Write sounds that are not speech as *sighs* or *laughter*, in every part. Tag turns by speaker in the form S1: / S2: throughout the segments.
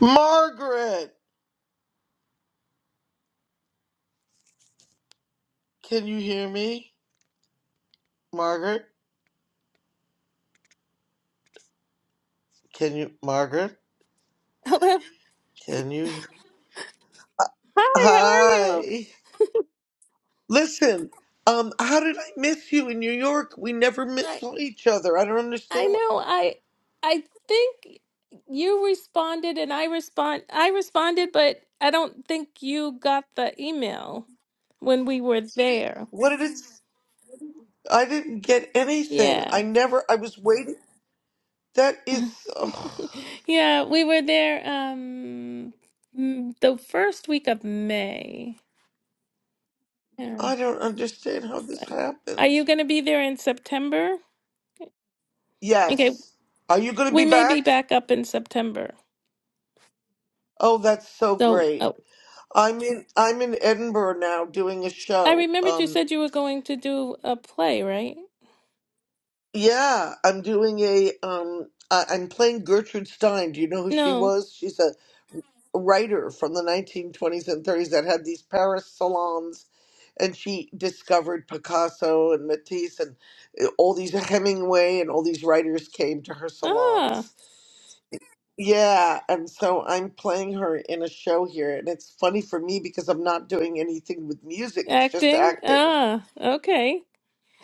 S1: Margaret, can you hear me? Margaret, can you? Margaret,
S2: *laughs* Hello.
S1: can you?
S2: Hi, how are you?
S1: Hi. Listen, um, how did I miss you in New York? We never miss
S2: I
S1: each other. I don't
S2: I
S1: understand what.
S2: know I I think you responded and I respond I responded, but I don't think you got the email when we were there.
S1: What did it? is- I didn't get anything.
S2: Yeah.
S1: I
S2: *laughs*
S1: never. I was waiting. That is. ugh,
S2: Yeah, we were there um mm, the first week of May. Yeah.
S1: I don't understand how this
S2: But are
S1: happened.
S2: you going to be there in September? Okay,
S1: Yes. Are you going to
S2: we
S1: be
S2: may be
S1: back?
S2: back up in September.
S1: Oh, that's so
S2: So, uh,
S1: great. I'm in. I'm in Edinburgh now doing a
S2: I
S1: show.
S2: remembered you
S1: Um.
S2: said you were going to do a play, right?
S1: Yeah, I'm doing a um I, I'm playing Gertrude Stein. Do you know who she
S2: No.
S1: was? She's a writer from the 1920s and 30s that had these Paris salons and she discovered Picasso and Matisse and uh, all these *laughs* Hemingway and all these writers came to her
S2: Ah,
S1: salons. Yeah, and so I'm playing her in a show here and it's funny for me because I'm not doing anything with music. It's just
S2: acting.
S1: acting.
S2: Ah, okay.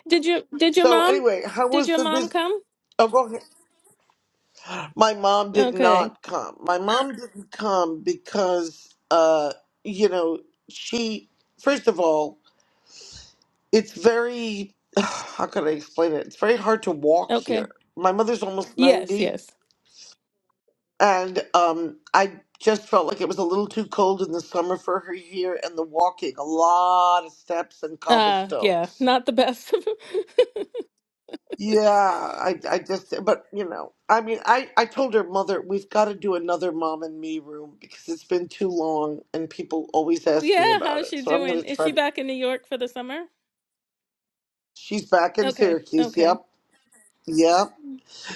S2: Did you did your
S1: So
S2: mom
S1: anyway, how
S2: did
S1: was
S2: your
S1: the
S2: mom
S1: visit?
S2: come?
S1: Oh, go ahead. My mom did
S2: Okay.
S1: not come. My mom didn't come because, uh, you know, she, first of all, it's very, *sighs* how can I explain it? It's very hard to walk
S2: Okay.
S1: here. My mother's almost
S2: Yes,
S1: 90,
S2: yes.
S1: and um, I just felt like it was a little too cold in the summer for her here, and the walking, a lot of steps and
S2: Uh, yeah,
S1: cobblestones.
S2: not the best.
S1: Yeah, I, I just, but you know, I mean, I, I told her mother we've got to do another mom and me room because it's been too long and people always
S2: *laughs*
S1: ask me
S2: yeah,
S1: about
S2: how's
S1: it.
S2: she
S1: So I'm
S2: doing?
S1: gonna
S2: Is
S1: try.
S2: she
S1: To,
S2: back in New York for the summer?
S1: she's back in
S2: Okay.
S1: Syracuse.
S2: Okay.
S1: Yep, yep.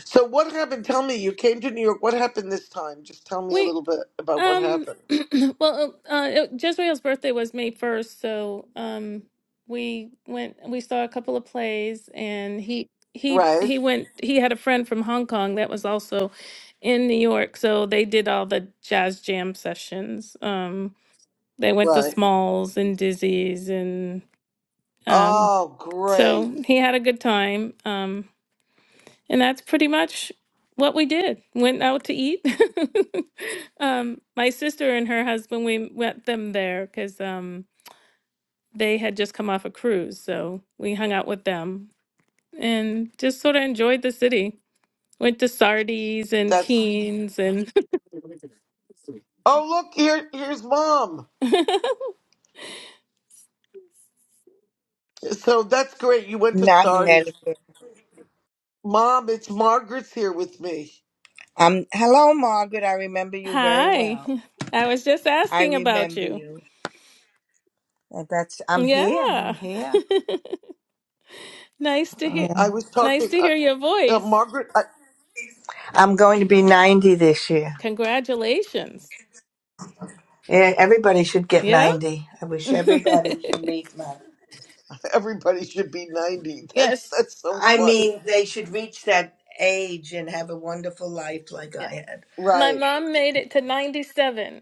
S1: So what happened? Tell me. You came to New York. What happened this time? Just tell me a
S2: We
S1: little bit about what
S2: um
S1: happened.
S2: *clears throat* well uh uh, it- Jezreel's birthday was May 1st, so um we went we saw a couple of plays and he he
S1: Right,
S2: he went he had a friend from Hong Kong that was also in New York, so they did all the jazz jam sessions. Um they went to
S1: right.
S2: Smalls and Dizzy's and um
S1: Oh, great.
S2: so he had a good time. Um and that's pretty much what we did. Went out to eat. *laughs* um, my sister and her husband, we met them there because um, they had just come off a cruise. So we hung out with them and just sort of enjoyed the city. Went to Sardi's and
S1: That's.
S2: Keens and.
S1: Oh, look here. Here's mom.
S2: *laughs*
S1: So that's great. You went to
S3: Not in
S1: Sardi's.
S3: Connecticut.
S1: Mom, it's Margaret's here with me.
S3: Um, hello, Margaret. I remember you very
S2: Hi. *laughs*
S3: well.
S2: I was just
S3: I
S2: asking about
S3: remember
S2: you.
S3: you. And That's. I'm here. I'm
S2: Yeah.
S3: here.
S2: *laughs* nice to hear
S1: I
S3: Mhm.
S1: was
S2: nice
S1: talking.
S2: to hear
S1: Uh,
S2: your
S1: uh,
S2: voice.
S1: Margaret, I,
S3: I'm going to be 90 this year.
S2: Congratulations.
S3: Yeah, everybody should get
S2: Yeah.
S3: 90. I wish
S2: *laughs*
S3: everybody should meet my.
S1: everybody should be ninety. *laughs* That's
S2: Yes.
S1: that's so
S3: I
S1: funny,
S3: mean, they should reach that age and have a wonderful life like
S2: Yeah.
S3: I had.
S2: My
S1: right?
S2: mom made it to 97.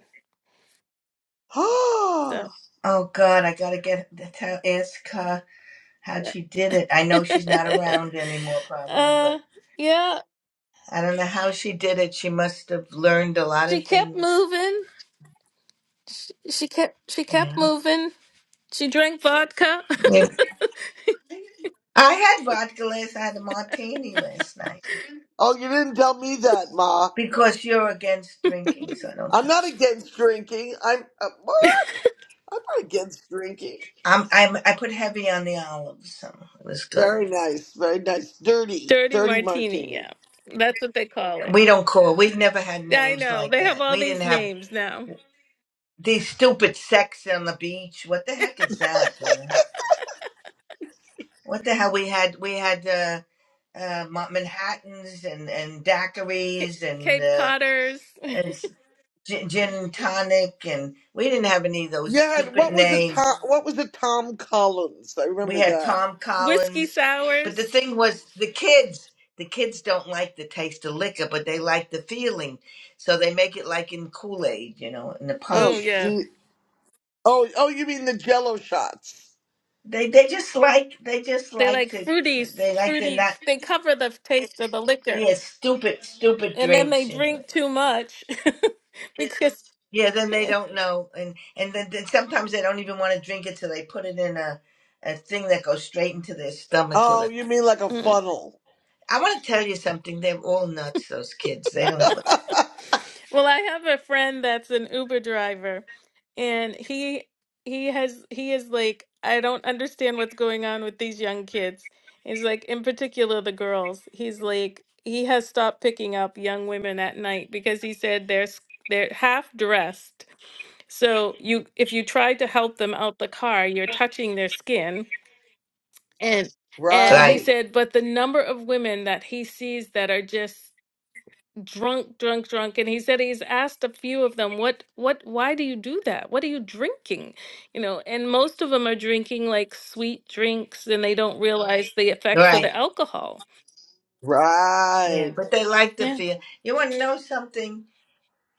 S1: *gasps* oh,
S2: So,
S3: Oh God, I gotta get tell ask her how she did it. I know
S2: *laughs*
S3: she's not around anymore, probably,
S2: uh,
S3: but
S2: yeah,
S3: I don't know how she did it. She must have learned a lot
S2: she
S3: of
S2: kept
S3: things.
S2: moving. She, she kept she
S3: Yeah.
S2: kept moving. She drank vodka,
S3: yeah. I had vodka last. I had a martini last night
S1: you didn't tell me that, Ma.
S3: because you're against drinking, so I don't
S1: I'm
S3: tell.
S1: not against drinking. I'm uh, what? I'm not against drinking.
S3: I'm, I'm I put heavy on the olives, so it was good.
S1: Very nice, very nice.
S2: *laughs*
S1: Dirty,
S2: dirty
S1: dirty
S2: martini.
S1: martini.
S2: Yeah, that's what they call it.
S3: We don't call. We've never had
S2: Yeah, I
S3: names
S2: know
S3: like
S2: they have
S3: that.
S2: all
S3: We didn't
S2: these
S3: have
S2: names now.
S3: these stupid sex on the beach. What the heck is that? You know what the hell we had? We had uh, uh, Ma- Manhattan's and and daiquiris and
S2: Cape
S3: uh,
S2: Codders,
S3: and gin, gin and tonic, and we didn't have any of those
S1: Yeah. And
S3: stupid
S1: what was the
S3: names.
S1: Tom? What was the Tom Collins? I
S3: we
S1: remember
S3: had
S1: that.
S3: Tom
S2: *laughs* whiskey
S3: Collins. But the
S2: sours.
S3: thing was, the kids, the kids don't like the taste of liquor, but they like the feeling. So they make it like in Kool Aid, you know, in the
S2: Oh
S1: Oh,
S3: punch.
S2: yeah,
S1: gee. Oh, oh, you mean the Jello shots?
S3: They they just like they just
S2: they
S3: like
S2: like
S3: to
S2: fruity,
S3: they like to
S2: fruity.
S3: not
S2: They cover the taste of the liquor,
S3: yeah stupid stupid
S2: and then
S3: drinks,
S2: they
S3: you know they
S2: drink
S3: like.
S2: too much *laughs* because.
S3: Yeah, then they don't know, and and then, then sometimes they don't even want to drink it, so they put it in a a thing that goes straight into their stomachs. With
S1: Oh,
S3: it.
S1: you mean like a
S2: mm.
S1: funnel?
S3: I want to tell you something. They're all nuts. Those kids. They don't
S1: *laughs*
S3: know what. They're,
S2: Well, I have a friend that's an Uber driver, and he he has he is like, I don't understand what's going on with these young kids. He's like, in particular the girls. He's like, he has stopped picking up young women at night because he said they're s- they're half dressed. So you if you try to help them out the car, you're touching their skin. And and
S3: right.
S2: he
S1: right.
S2: said, but the number of women that he sees that are just drunk, drunk, drunk. And he said he's asked a few of them, what, what, why do you do that? What are you drinking? You know, and most of them are drinking like sweet drinks and they don't Right. realize the effects of
S3: Right.
S2: the alcohol.
S3: Yeah.
S1: Right.
S3: But they like to
S2: Yeah.
S3: feel. You want to know something?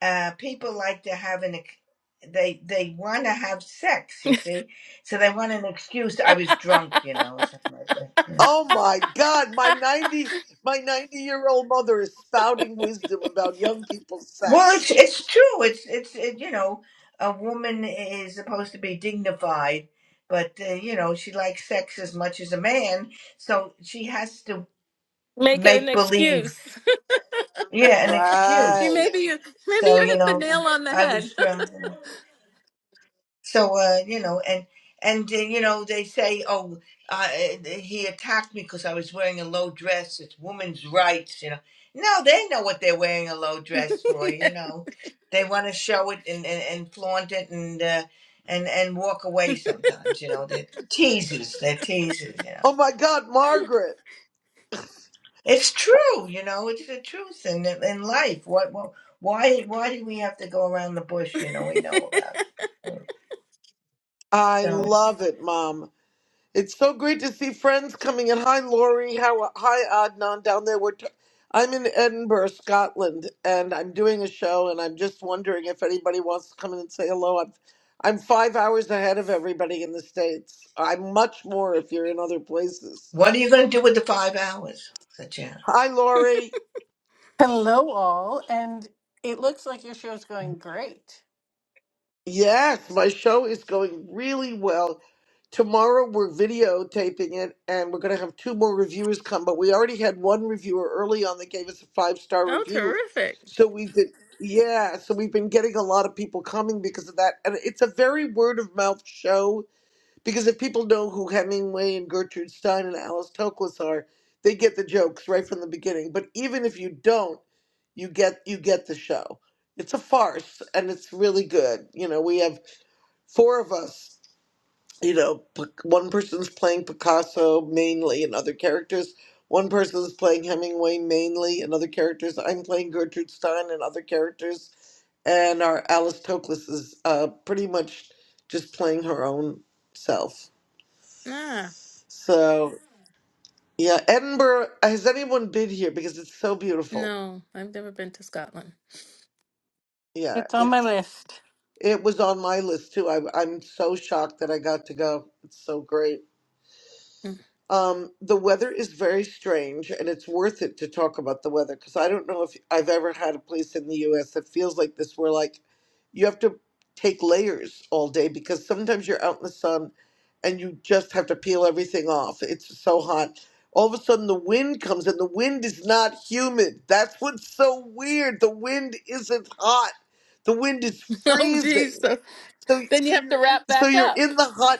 S3: Uh, people like to have an. ex- They they want to have sex.
S2: *laughs*
S3: You see, so they want an excuse. I was drunk, you know, or something like that. Yeah.
S1: Oh my God, my 90 my 90-year-old mother is spouting wisdom about young people's
S3: Well,
S1: sex.
S3: it's it's true. It's it's it, you know, a woman is supposed to be dignified, but uh, you know she likes sex as much as a man, so she has to
S2: Make an
S3: make believe.
S2: excuse.
S3: Yeah, an
S2: *laughs* you
S3: excuse.
S1: Right.
S2: maybe you maybe
S3: So
S2: you
S3: you
S2: hit the
S3: know,
S2: nail on the
S3: I
S2: head.
S3: was drunk. So uh, you know, and and then you know they say, oh, uh, he attacked me because I was wearing a low dress. It's women's rights, you know. No, they know what they're wearing a low dress for. You
S2: *laughs*
S3: know, they want to show it and, and, and flaunt it and uh, and and walk away sometimes. You know, they're teasers. They're teasers. You know,
S1: Oh my God, Margaret.
S3: it's true. You know, it's the truth in in life. What, what why why do we have to go around the bush? You know, we know about.
S1: I
S3: so.
S1: love it, Mom. It's so great to see friends coming in. Hi, Lori. How, hi, Adnan, down there. We're t- I'm in Edinburgh, Scotland, and I'm doing a show, and I'm just wondering if anybody wants to come in and say hello. I'm, I'm five hours ahead of everybody in the States. I'm much more if you're in other places.
S3: What are you going to do with the five hours? said Janet.
S1: Hi, Lori.
S4: Hello, all, and it looks like your show's going great.
S1: Yes, my show is going really well. Tomorrow we're videotaping it and we're going to have two more reviewers come, but we already had one reviewer early on that gave us a five star
S2: oh,
S1: review.
S2: terrific.
S1: So we've been, yeah, so we've been getting a lot of people coming because of that. And it's a very word of mouth show Because if people know who Hemingway and Gertrude Stein and Alice Toklas are, they get the jokes right from the beginning. But even if you don't, you get you get the show. It's a farce and it's really good. You know, we have four of us. You know, P- one person's playing Picasso mainly and other characters. One person's playing Hemingway mainly and other characters. I'm playing Gertrude Stein and other characters, and our Alice Toklas is uh, pretty much just playing her own self.
S2: Ah,
S1: So yeah, Edinburgh. Has anyone been here? Because it's so beautiful.
S2: no, I've never been to Scotland.
S1: Yeah,
S4: It's on my
S1: it's
S4: list.
S1: it was on my list too. I, I'm so shocked that I got to go. It's so great.
S2: *laughs*
S1: Um, the weather is very strange, and it's worth it to talk about the weather because I don't know if I've ever had a place in the US that feels like this, where like you have to take layers all day because sometimes you're out in the sun and you just have to peel everything off. It's so hot. All of a sudden, the wind comes, and the wind is not humid. That's what's so weird. The wind isn't hot. The wind is
S2: oh, geez.
S1: freezing.
S2: So
S1: So,
S2: then you have to wrap
S1: so
S2: back
S1: you're
S2: up.
S1: in the hot.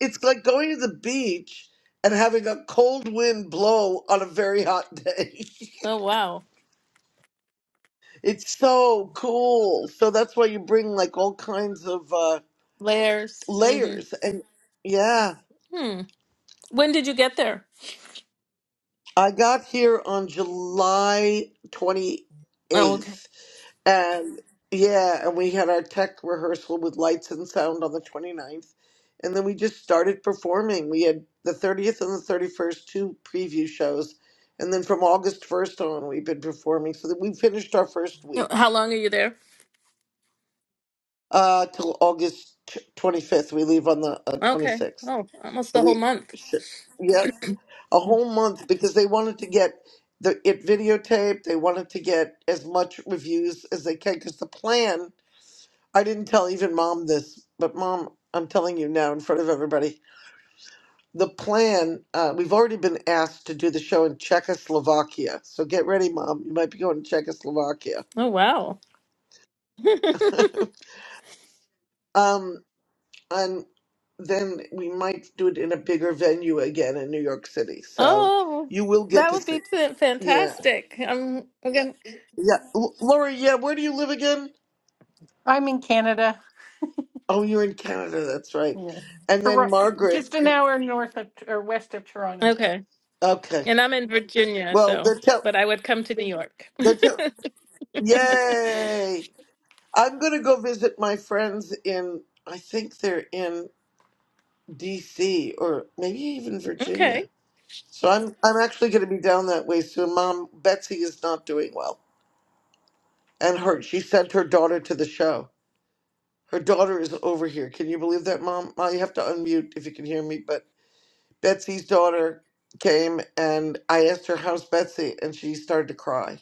S1: It's like going to the beach and having a cold wind blow on a very hot day. *laughs*
S2: Oh, wow.
S1: it's so cool. So that's why you bring like all kinds of uh,
S2: Layers. hmm
S1: layers. And yeah,
S2: Hmm. When did you get there?
S1: I got here on July
S2: Oh, okay.
S1: 28th And yeah, and we had our tech rehearsal with lights and sound on the twenty ninth, And then we just started performing. We had the 30th and the 31st, two preview shows. And then from August 1st on, we've been performing. So that we finished our first
S2: Uh,
S1: week
S2: How long are you there?
S1: uh, till August t- 25th. We leave on the uh,
S2: Okay.
S1: 26th.
S2: Oh, almost
S1: But
S2: the whole
S1: we,
S2: month.
S1: sure. yeah,
S2: *clears throat*
S1: a whole month because they wanted to get the it videotaped. They wanted to get as much reviews as they can because the plan I didn't tell even mom this, but mom, I'm telling you now in front of everybody. The plan, uh, we've already been asked to do the show in Czechoslovakia. So get ready, mom. You might be going to Czechoslovakia.
S2: Oh, wow. *laughs*
S1: *laughs* um, and then we might do it in a bigger venue again in New York City. So
S2: oh,
S1: you will get
S2: that
S1: to
S2: would
S1: see.
S2: be fa-
S1: Yeah.
S2: fantastic. I'm, i gonna-
S1: Yeah. L- Lori, yeah, where do you live again?
S4: I'm in Canada.
S1: Oh, you're in Canada. That's right.
S4: Yeah.
S1: And then
S4: Tor-
S1: Margaret.
S4: just an hour north of or west of Toronto.
S2: okay.
S1: Okay.
S2: And I'm in Virginia,
S1: Well,
S2: so,
S1: they're, tell-
S2: but I would come to New York. *laughs*
S1: they're, tell- Yay! I'm going to go visit my friends in, I think they're in DC or maybe even Virginia.
S2: okay.
S1: So I'm I'm actually going to be down that way soon. Mom, Betsy is not doing well. And her she sent her daughter to the show. Her daughter is over here. Can you believe that, Mom? Mom, you have to unmute if you can hear me, but Betsy's daughter came and I asked her how's Betsy and she started to cry.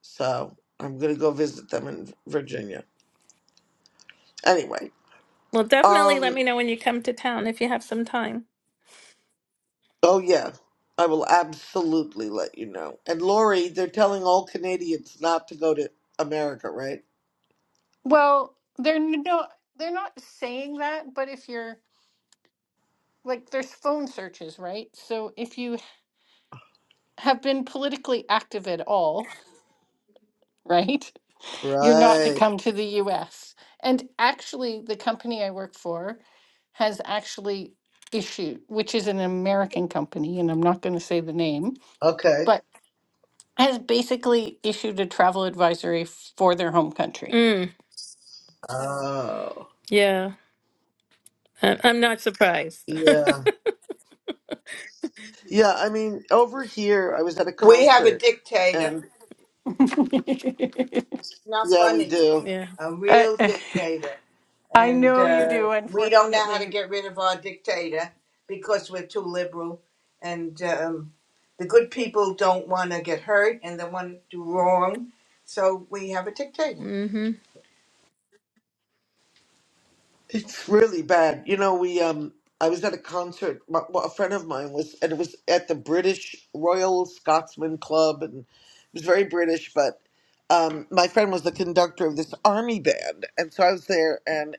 S1: So, I'm going to go visit them in Virginia. Anyway,
S2: Well, definitely let
S1: um,
S2: me know when you come to town if you have some time.
S1: Oh, yeah. I will absolutely let you know. And Lori, they're telling all Canadians not to go to America, right?
S4: Well, they're n- no, they're not saying that, but if you're like, there's phone searches, right? So if you have been politically active at all, *laughs* right? you're not to
S1: Right.
S4: come to the US. And actually, the company I work for has actually issued, which is an American company, and I'm not going to say the name,
S1: Okay.
S4: but has basically issued a travel advisory for their home country.
S2: Mm,
S1: Oh.
S2: yeah. I- I'm not surprised. *laughs*
S1: Yeah. Yeah, I mean, over here, I was at a
S3: We have a
S1: concert,
S3: dictator.
S1: and
S4: *laughs*
S3: Not
S1: yeah, we
S3: funny.
S1: do.
S2: yeah.
S3: A
S4: I
S3: real dictator.
S4: I
S3: And
S4: know you
S3: uh,
S4: do,
S3: we don't know how to
S4: unfortunately.
S3: get rid of our dictator because we're too liberal. And um, the good people don't want to get hurt and they want to do wrong. So we have a dictator.
S2: Mm-hmm.
S1: It's really bad. You know, we um, I was at a concert. My, well, a friend of mine was, and it was at the British Royal Scotsman Club, and it was very British. But um, my friend was the conductor of this army band, and so I was there, and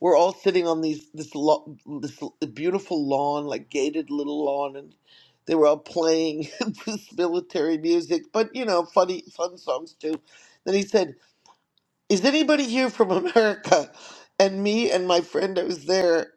S1: we're all sitting on these this lo- this beautiful lawn, like gated little lawn, and they were all playing *laughs* this military music, but you know, funny fun songs too. Then he said is anybody here from *laughs* America? And me and my friend that was there,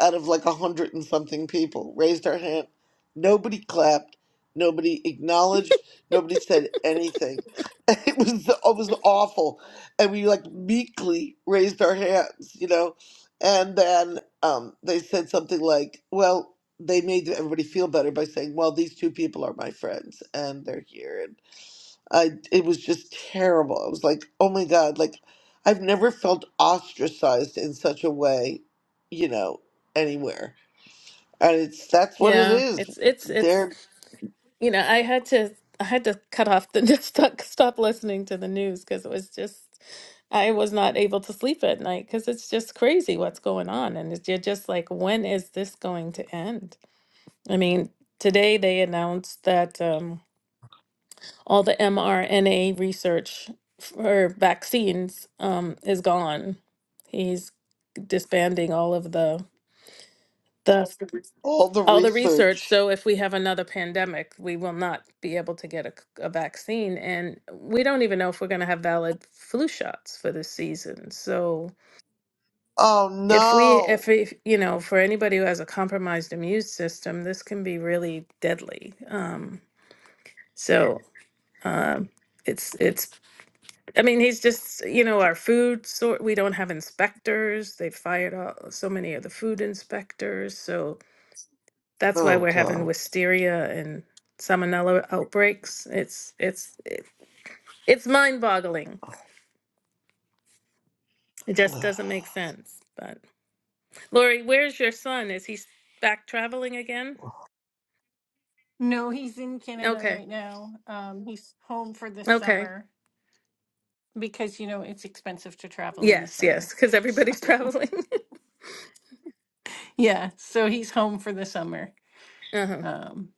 S1: out of like a hundred and something people, raised our hand. Nobody clapped. Nobody acknowledged. Nobody said anything. *laughs* And it was it was awful. And we like meekly raised our hands, you know. And then um, they said something like, "Well, they made everybody feel better by saying, well, these two people are my friends, and they're here, I it was just terrible. I was like, oh my God, like I've never felt ostracized in such a way, you know, anywhere. And it's that's what it
S2: Yeah,
S1: is.
S2: it's it's it's
S1: They're
S2: you know, I had to I had to cut off the *laughs* just stop stop listening to the news because it was just I was not able to sleep at night because it's just crazy what's going on and it's, you're just like when is this going to end? I mean, today they announced that um, all the mRNA research for vaccines um, is gone. He's disbanding all of the the Yes.
S1: all the
S2: all the research.
S1: research.
S2: So if we have another pandemic, we will not be able to get a, c- a vaccine. And we don't even know if we're going to have valid flu shots for this season. So
S1: Oh
S2: if we,
S1: no.
S2: if we, you know, for anybody who has a compromised immune system, this can be really deadly. Um, so um, it's, it's, I mean, he's just, you know, our food sort, we don't have inspectors. they fired all, so many of the food inspectors. So, That's why
S1: Oh
S2: we're having
S1: God.
S2: wisteria and salmonella outbreaks. It's it's it, it's mind-boggling. It just doesn't make sense. But Lori, where's your son? Is he s- back traveling again?
S4: No, he's in Canada
S2: Okay.
S4: right now. Um, he's home for the
S2: Okay.
S4: summer because, you know, it's expensive to travel in the
S2: Yes,
S4: summer.
S2: yes, because
S4: *laughs* So,
S2: everybody's traveling.
S4: yeah, so he's home for the summer.
S2: *laughs* uh-huh.
S4: Um,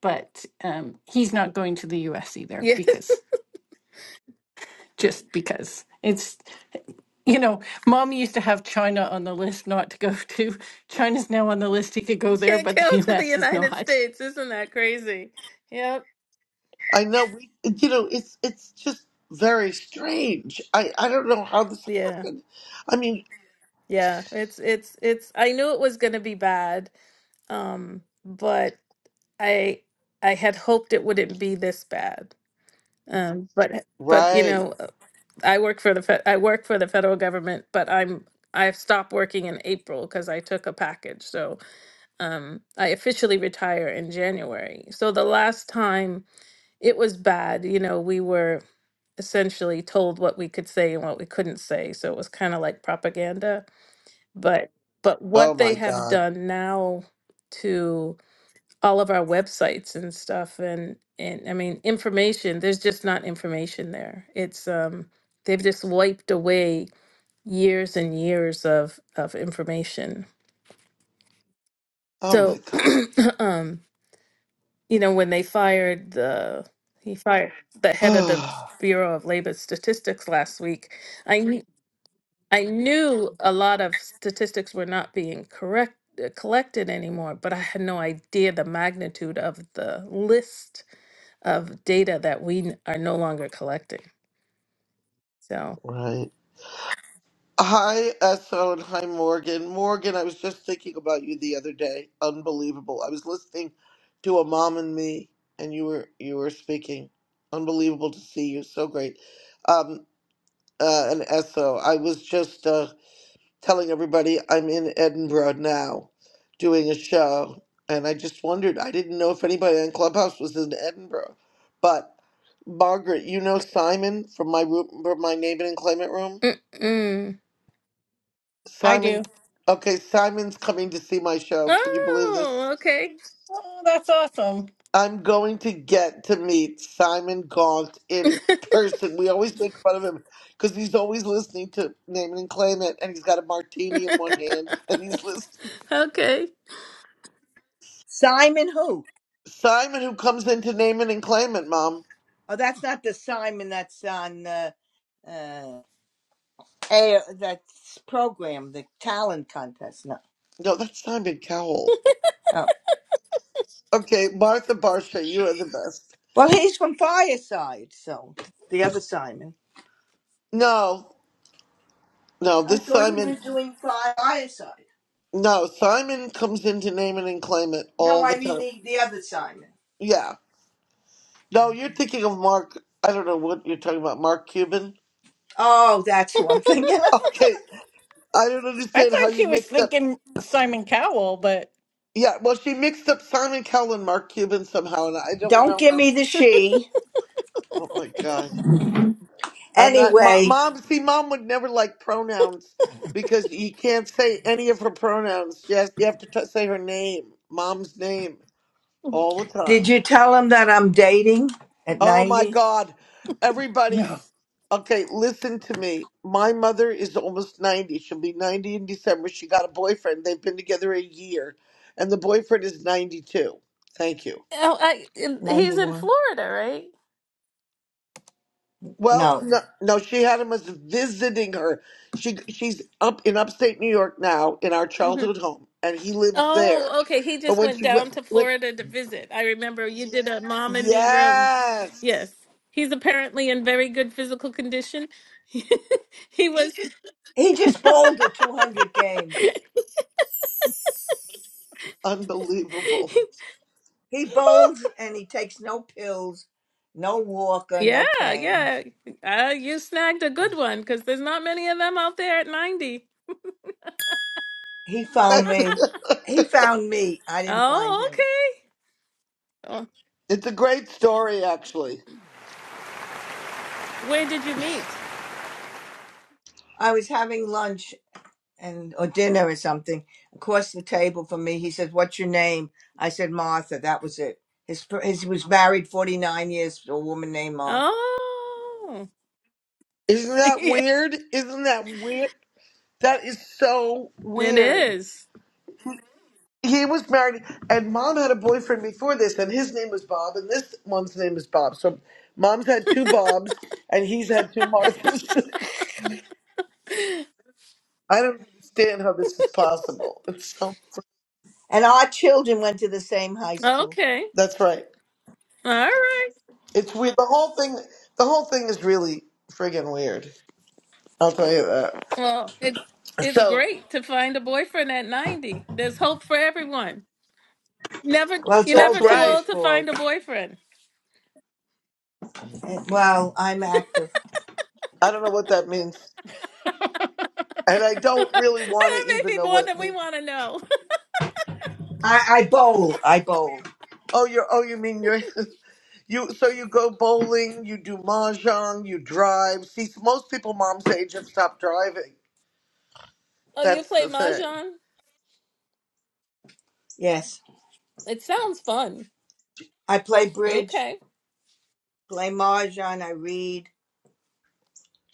S4: but um, he's not going to the US either
S2: Yeah.
S4: because just because it's you know, mom used to have China on the list not to go *laughs* to. China's now on the list. He could go
S2: *laughs*
S4: there,
S2: Can't
S4: but
S2: go
S4: the
S2: to the
S4: US is
S2: United
S4: not.
S2: States. Isn't that crazy? Yep.
S1: I know we you know, it's it's just very strange. I, I don't know how this
S2: Yeah.
S1: happened. I mean
S2: Yeah. It's it's it's I knew it was gonna be bad. Um, but I I had hoped it wouldn't be this bad. Um, but but you
S1: Right.
S2: know, uh, I work for the fe- I work for the federal government, but I'm I've stopped working in April because I took a package. So um, I officially retire in January. So the last time it was bad, you know, we were essentially told what we could say and what we couldn't say. So it was kind of like propaganda. But but
S1: Oh
S2: what they
S1: my
S2: have
S1: God.
S2: done now to all of our websites and stuff and and I mean information there's just not information there. It's um they've just wiped away years and years of of information.
S1: Oh my
S2: So
S1: God.
S2: *clears throat* um you know when they fired the he fired the head of the
S1: *sighs*
S2: Bureau of Labor Statistics last week, I knew I knew a lot of statistics were not being correct uh, collected anymore, but I had no idea the magnitude of the list of data that we are no longer collecting. So,
S1: right. Hi, Esso, and hi, Morgan. Morgan, I was just thinking about you the other day. Unbelievable. I was listening to a mom and me, and you were you were speaking. Unbelievable to see you. So great. Um, uh, and Esso, I was just uh, telling everybody I'm in Edinburgh now, doing a show, and I just wondered. I didn't know if anybody in Clubhouse was in Edinburgh, but Margaret, you know Simon from my room, from my name it and claimant room.
S2: Mm-mm.
S4: I
S1: Simon,
S4: do.
S1: okay, Simon's coming to see my show. Can you believe this?
S2: oh, okay,
S4: Oh, that's awesome.
S1: I'm going to get to meet Simon Gaunt in
S2: *laughs*
S1: person. We always make fun of him because he's always listening to Name It and Claim It, and he's got a martini in one hand, and he's listening.
S2: okay.
S3: Simon who?
S1: Simon, who comes in to Name It and Claim It, Mom.
S3: Oh, that's not the Simon that's on uh, uh, air, that's program, the talent contest. No.
S1: No, that's Simon Cowell.
S3: Oh.
S1: Okay, Martha Barsha, you are the best.
S3: Well, he's from Fireside, so the other Simon.
S1: No, no,
S3: I
S1: this
S3: thought he
S1: Simon.
S3: was doing Fi- Fireside.
S1: No, Simon comes in to Name It and Claim It
S3: No,
S1: all the
S3: I mean
S1: time.
S3: the, the other Simon.
S1: Yeah. No, you're thinking of Mark. I don't know what you're talking about, Mark Cuban. *laughs*
S3: Oh, that's who I'm thinking of.
S1: Okay, I don't
S4: I
S1: understand how
S4: thought
S1: you
S4: she was
S1: mixed up.
S4: thinking Simon Cowell, but
S1: Yeah, well, she mixed up Simon Cowell and Mark Cuban somehow, and I don't
S3: Don't
S1: know
S3: give
S1: how.
S3: me the she.
S1: Oh my God! I'm not. Mom,
S3: Anyway,
S1: mom see, mom would never like pronouns because you can't say any of her pronouns. Yes, you have to t- say her name, mom's name, all the
S3: did
S1: time.
S3: you tell him that I'm dating at
S1: Oh my
S3: 90,
S1: God,
S4: *laughs*
S1: everybody!
S4: no.
S1: Okay, listen to me. My mother is almost 90. She'll be 90 in December. She got a boyfriend. They've been together a year, and the boyfriend is 92. Thank you.
S2: Oh, I, um, he's in
S3: 91?
S2: Florida, right?
S1: Well,
S3: No.
S1: no, no, she had him as visiting her. She she's up in upstate New York now in our
S2: hmm
S1: childhood home, and he lives there.
S2: Oh, okay. He
S1: But
S2: just
S1: when
S2: went
S1: she went,
S2: down to
S1: went
S2: Florida to visit. I remember you did a mom and me room.
S1: yes,
S2: Yes, he's apparently in very good physical condition. *laughs* he was,
S3: He just bowled a 200 game.
S1: unbelievable.
S2: *laughs*
S3: He bowls and he takes no pills, no walker,
S2: yeah,
S3: no cane.
S2: yeah. Uh, you snagged a good one because there's not many of them out there at ninety.
S3: He
S1: *laughs*
S3: found me. He found me. I didn't find
S2: Oh,
S3: him.
S2: okay. Oh,
S1: it's a great story, actually.
S2: where did you meet?
S3: I was having lunch and or dinner or something across the table from me he says what's your name i said martha that was it his, fir- his he was married 49 years to a woman named martha
S2: Oh,
S1: Isn't
S2: *laughs*
S1: that
S2: yeah,
S1: weird? Isn't that weird? That is so
S2: it
S1: weird.
S2: is.
S1: He was married, and mom had a boyfriend before this, and his name was Bob, and this one's name is Bob. So mom's had two Bobs, and he's had two Marthas. *laughs* I don't understand how this is possible. It's so.
S3: and our children went to the same high school
S2: Okay.
S1: That's right.
S2: All right.
S1: It's weird. The whole thing. The whole thing is really friggin' weird. I'll tell you that.
S2: Well, it's it's
S1: So
S2: great to find a boyfriend at 90. There's hope for everyone. Never
S3: well it's
S2: you're
S3: all
S1: that's
S2: never too
S1: right.
S3: deborah's
S2: old to
S3: fault
S2: find a boyfriend.
S3: And- well i'm active
S1: I don't know what that means, and I
S2: *laughs*
S1: don't
S2: that
S1: really want to
S2: may
S1: even
S2: be
S1: know
S2: more
S1: what it
S2: than we
S1: means.
S2: want to know.
S3: i i bowl i bowl
S1: Oh, you're. Oh, you mean you're. *laughs* You so you go bowling, you do mahjong, you drive. See, most people mom's age have stopped driving.
S2: *laughs* oh, you
S1: That's
S2: play
S1: the thing.
S2: mahjong?
S3: yes
S2: It sounds fun.
S3: i play bridge
S2: Okay. *laughs*
S3: play mahjong i read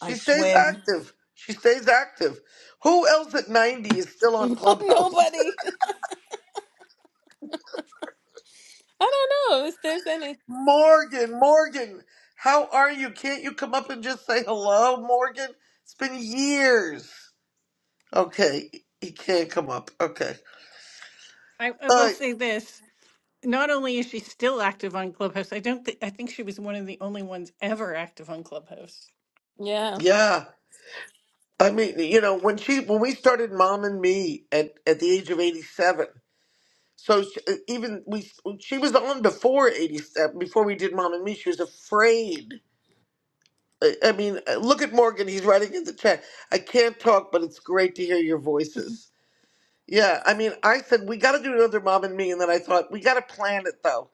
S3: i
S1: stays
S3: swim
S1: active. She stays active. Who else at 90 is still on
S2: No,
S1: Clubhouse?
S2: nobody. *laughs* I don't know if there's any.
S1: *laughs* Morgan, Morgan, how are you? Can't you come up and just say hello, Morgan? It's been years. Okay, he can't come up. Okay.
S4: I, I will
S1: Uh,
S4: say this. Not only is she still active on Clubhouse, I don't think I think she was one of the only ones ever active on Clubhouse.
S2: Yeah.
S1: yeah. I mean, you know, when she when we started Mom and Me at at the age of eighty seven. So she, even we she was on before eighty seven before we did Mom and Me. She was afraid. I, I mean, uh, look at Morgan. He's writing in the chat. I can't talk, but it's great to hear your voices. Yeah, I mean, I said we got to do another Mom and Me, and then I thought we got to plan it though.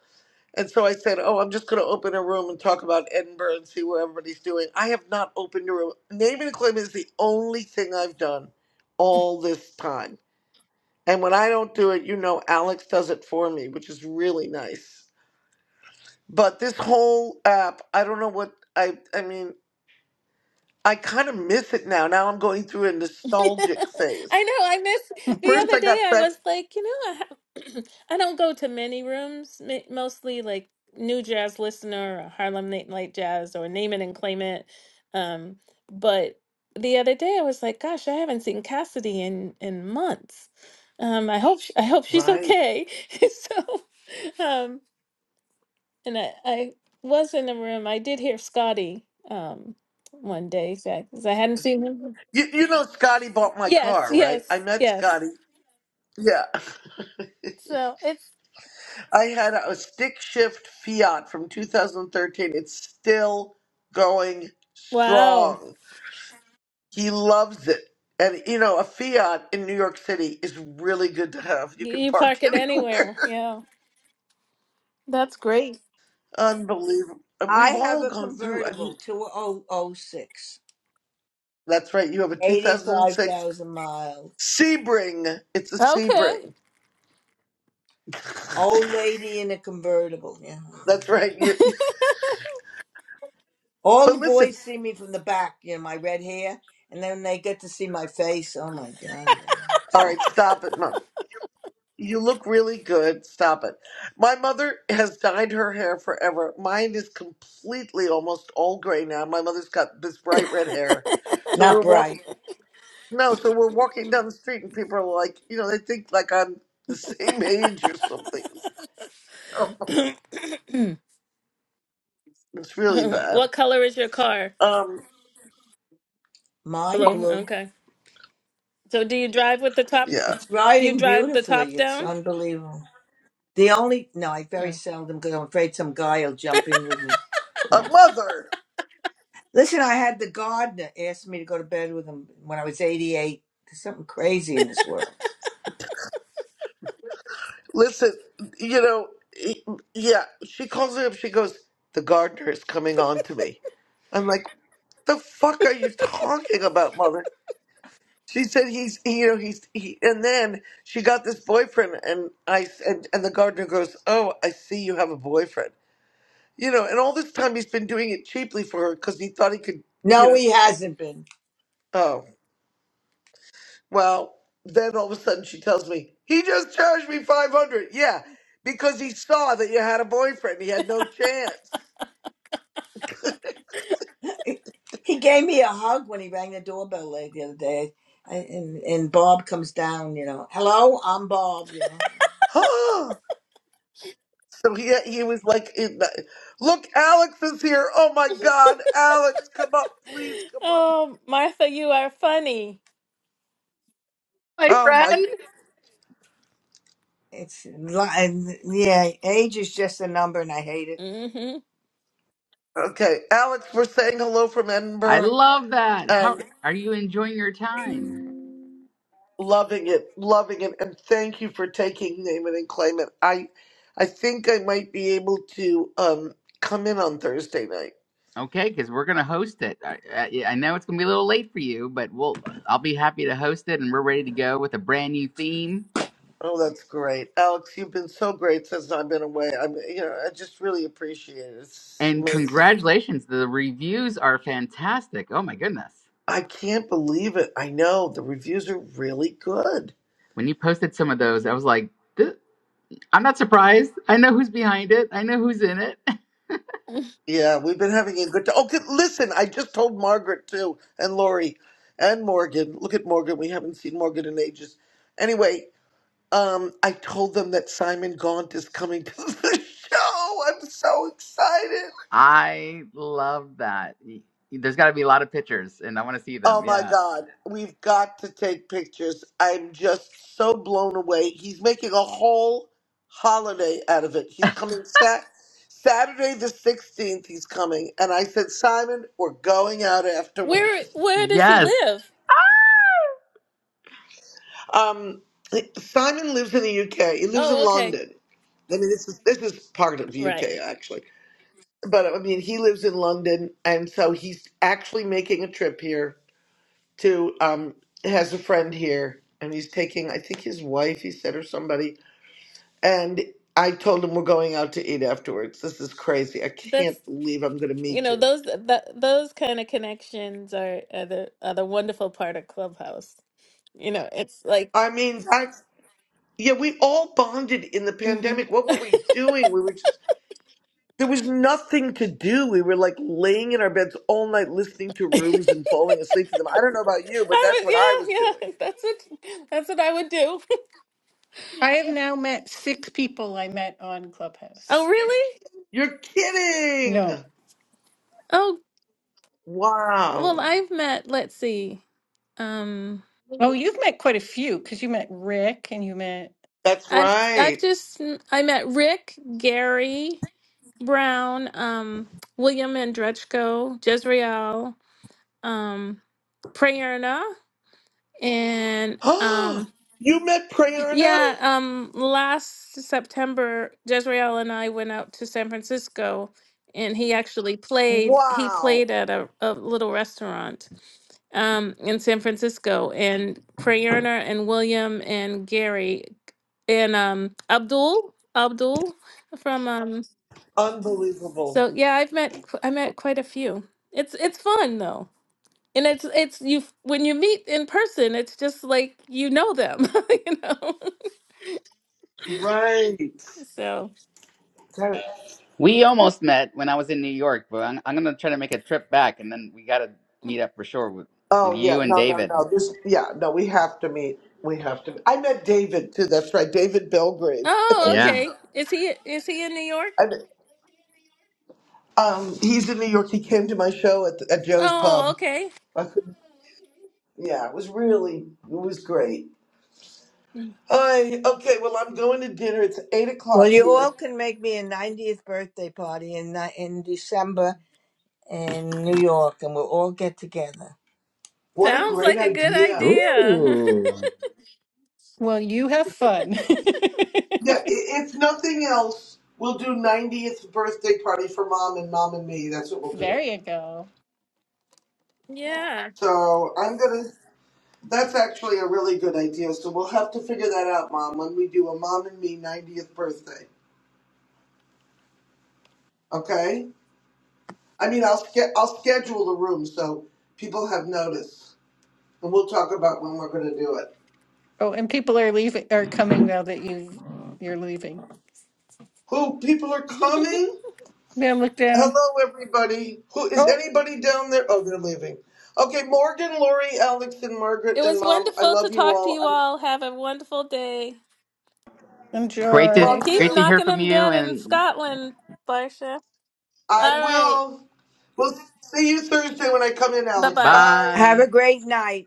S1: And so I said, Oh, I'm just going to open a room and talk about Edinburgh and see what everybody's doing. I have not opened a room. Name and claim is the only thing I've done all this time. And when I don't do it, you know, Alex does it for me, which is really nice. But this whole app, I don't know what I, I mean, I kind of miss it now. Now I'm going through a nostalgic
S2: *laughs* I
S1: phase.
S2: know. I missed the
S1: First,
S2: other
S1: I
S2: day.
S1: got
S2: I
S1: fed.
S2: was like, you know, I, ha- *clears throat* I don't go to many rooms, ma- mostly like new jazz listener or Harlem Late Night Jazz or name it and claim it. Um, but the other day, I was like, gosh, I haven't seen Cassidy in in months. Um, I hope sh I hope she's
S1: Right.
S2: okay. *laughs* So, um, and I, I was in the room. I did hear Scotty um one day because I hadn't seen him.
S1: You, you know, Scotty bought my
S2: Yes,
S1: car, right?
S2: yes,
S1: I met
S2: yes.
S1: Scotty. Yeah. *laughs*
S2: So it's
S1: I had a stick shift Fiat from 2013. It's still going
S2: wow.
S1: strong. He loves it. And you know, a Fiat in New York City is really good to have. You
S2: You
S1: can
S2: you
S1: park
S2: park
S1: *laughs*
S2: it anywhere.
S1: anywhere.
S2: Yeah. That's great.
S1: Unbelievable. And
S3: i
S1: We've
S3: have
S1: all
S3: a
S1: gone through. I
S3: convertible
S1: mean,
S3: two oh oh six,
S1: that's right. You have a
S3: eighty five
S1: 2006
S3: thousand miles
S1: Sebring. It's a
S2: Okay.
S1: Sebring.
S3: Old lady in a convertible. Yeah.
S1: That's right. You. *laughs*
S3: All
S1: But
S3: the
S1: listen.
S3: boys see me from the back, you know, my red hair, and then they get to see my face. Oh my God, yeah. It's
S1: All right,
S3: awful.
S1: stop it, Mom. You look really good. Stop it. My mother has dyed her hair forever. Mine is completely almost all gray now. My mother's got this bright red hair. So
S3: Not
S1: we're
S3: bright.
S1: walking
S2: *laughs*
S1: no, so we're walking down the street and people are like, you know, they think like I'm the same age or something. *laughs* It's really bad.
S2: what color is your car?
S1: Um
S3: Mine
S2: Blue.
S3: blue.
S2: Okay. So do you drive with the top
S1: yeah.
S3: It's
S2: you
S3: riding
S2: drive the
S3: beautifully.
S2: top
S3: It's
S2: down?
S3: unbelievable. The only, no, I very
S2: Mm.
S3: seldom because I'm afraid some guy will jump in with me.
S1: Uh,
S3: No.
S1: mother,
S3: Listen, I had the gardener ask me to go to bed with him when I was 88. There's something crazy in this world.
S1: listen, you know, e- yeah, she calls me up. She goes, "The gardener is coming on to me." I'm like, the fuck are you talking about, mother? She said he's, you know, he's, he, and then she got this boyfriend, and I, s- and, and the gardener goes, oh, I see you have a boyfriend, you know, and all this time he's been doing it cheaply for her because he thought he could, you
S3: No,
S1: know,
S3: he hasn't been.
S1: oh, well, then all of a sudden she tells me he just charged me five hundred, yeah, because he saw that you had a boyfriend, he had no chance,
S3: *laughs* He gave me a hug when he rang the doorbell like the other day, I, and and Bob comes down. You know, hello, I'm Bob. You know,
S1: *gasps* *sighs* So he he was like, in the, "Look, Alex is here! Oh my God, Alex, come up, please come up!"
S2: Oh, Martha, you are funny.
S5: my
S1: Oh my,
S5: friend.
S3: it's li- yeah, age is just a number, and I hate it.
S2: Mhm.
S1: okay, Alex, we're saying hello from
S5: I
S1: Edinburgh
S5: love that. How
S1: and
S5: are you enjoying your time?
S1: loving it, loving it, and thank you for taking name it and claim it. I, I think I might be able to um come in on Thursday night.
S5: Okay, because we're gonna host it. I, I, yeah, I know it's gonna be a little late for you, but we'll I'll be happy to host it, and we're ready to go with a brand new theme.
S1: Oh, that's great, Alex. You've been so great since I've been away. I'm, you know, I just really appreciate it. It's
S5: And
S1: amazing.
S5: congratulations, the reviews are fantastic. Oh my goodness,
S1: I can't believe it. I know the reviews are really good.
S5: when you posted some of those, I was like, "Th- I'm not surprised. I know who's behind it. I know who's in it.
S2: *laughs*
S1: Yeah, we've been having a good time. Oh, good, listen, I just told Margaret too, and Lori, and Morgan. Look at Morgan. We haven't seen Morgan in ages. Anyway, um, I told them that Simon Gaunt is coming to *laughs* the show. I'm so excited.
S5: *laughs* I love that. Y- There's got to be a lot of pictures, and I want to see
S1: Oh
S5: them.
S1: my
S5: Yeah.
S1: God, we've got to take pictures. I'm just so blown away. He's making a whole holiday out of it. He's coming sat- Saturday the 16th, he's coming. And I said, Simon, we're going out
S2: Where
S1: afterwards.
S2: where does he
S5: Yes,
S2: live?
S1: Um, Simon lives in the UK, he lives in
S2: Oh, okay.
S1: London. I mean, this is, this is part of the UK,
S2: Right.
S1: actually. But I mean, he lives in London, and so he's actually making a trip here to um has a friend here and he's taking I think his wife he said or somebody and I told him we're going out to eat afterwards. This is crazy. I
S2: That's
S1: can't believe I'm going to
S2: you
S1: meet
S2: know
S1: you.
S2: those th- those kind of connections are, are the are the wonderful part of Clubhouse. You know, it's like
S1: I mean, that's yeah, we all bonded in the
S2: hmm
S1: pandemic.
S2: *laughs*
S1: What were we doing? We were just there was nothing to do. We were like laying in our beds all night listening to rooms and falling asleep to them. I don't know about you, but
S2: I
S1: that's
S2: would
S1: what I was
S2: yeah
S1: doing.
S2: yeah *laughs* that's what that's what I would do.
S4: I have
S2: *laughs*
S4: now met six people I met on
S2: oh
S4: Clubhouse.
S2: really?
S1: You're kidding.
S4: No.
S2: Oh well,
S1: Wow.
S2: I've met. Let's see. Um,
S4: Oh, you've met quite a few because you met Rick and you met.
S1: That's
S2: I've I've
S1: right.
S2: just I met Rick, Gary Brown, um, William Andrechko, Jezreel, um, Prayerna, and
S1: *gasps*
S2: um,
S1: you met Prayerna?
S2: Yeah, um, last September, Jezreel and I went out to San Francisco, and he actually played. He
S1: Wow.
S2: played at a, a little restaurant um, in San Francisco, and Prayerna and William and Gary and um, Abdul Abdul from um.
S1: Unbelievable.
S2: So yeah, I've met qu- I met quite a few. It's it's fun though, and it's it's you f- when you meet in person, it's just like you know them, *laughs* you know.
S1: Right.
S2: *laughs* So.
S1: That-
S5: We almost met when I was in New York, but I'm, I'm gonna try to make a trip back, and then we gotta meet up for sure with,
S1: Oh
S5: with
S1: yeah.
S5: you and
S1: No, no,
S5: David.
S1: no. This yeah, no, we have to meet. We have to I met David too, that's right. David Belgrave. *laughs* That
S2: Oh,
S1: was
S5: Yeah.
S2: okay. Is he is he in New
S1: I,
S2: York?
S1: um he's in New York. He came to my show at at Joe's
S2: Oh,
S1: pub.
S2: okay.
S1: I couldn't yeah, it was really it was great. Hi, okay, well I'm going to dinner. It's eight
S3: Well,
S1: o'clock
S3: you
S1: here.
S3: all can make me a 90th birthday party in ni- in December in New York, and we'll all get together.
S1: What a
S2: Sounds
S1: great
S2: like a good
S1: idea.
S2: idea.
S5: Ooh.
S4: Well, you have fun.
S1: Yeah, i-
S4: *laughs*
S1: if nothing else, we'll do 90th birthday party for mom and mom and me. That's what we'll do.
S4: there you go.
S2: *laughs* yeah.
S1: So I'm gonna. That's actually a really good idea. So we'll have to figure that out, mom, when we do a mom and me 90th birthday. Okay. I mean, I'll ske- I'll schedule the room so people have notice, and we'll talk about when we're gonna do it.
S4: Oh, and people are leaving are coming now that you've you're leaving.
S1: Who people are
S2: *laughs* it
S1: coming?
S4: Yeah, look down.
S1: Hello, everybody. Who is
S4: Oh,
S1: anybody down there? Oh, they're leaving. Okay, Morgan, Lori, Alex, and Margaret, and
S2: was
S1: Mom, I
S2: wonderful to
S1: love you
S2: talk to
S1: all.
S2: you all. Have a wonderful day.
S5: Great to
S4: enjoy.
S2: And
S1: Love
S2: keep
S5: great to
S1: you.
S5: hear
S2: knocking
S5: from
S2: them
S5: you,
S2: dead in
S5: and
S2: Scotland, Barsha.
S1: I
S2: All right.
S1: will. We'll see you Thursday when I come in,
S2: Bye
S1: Alex.
S2: bye.
S1: Bye.
S3: Have a
S5: bye.
S3: great night.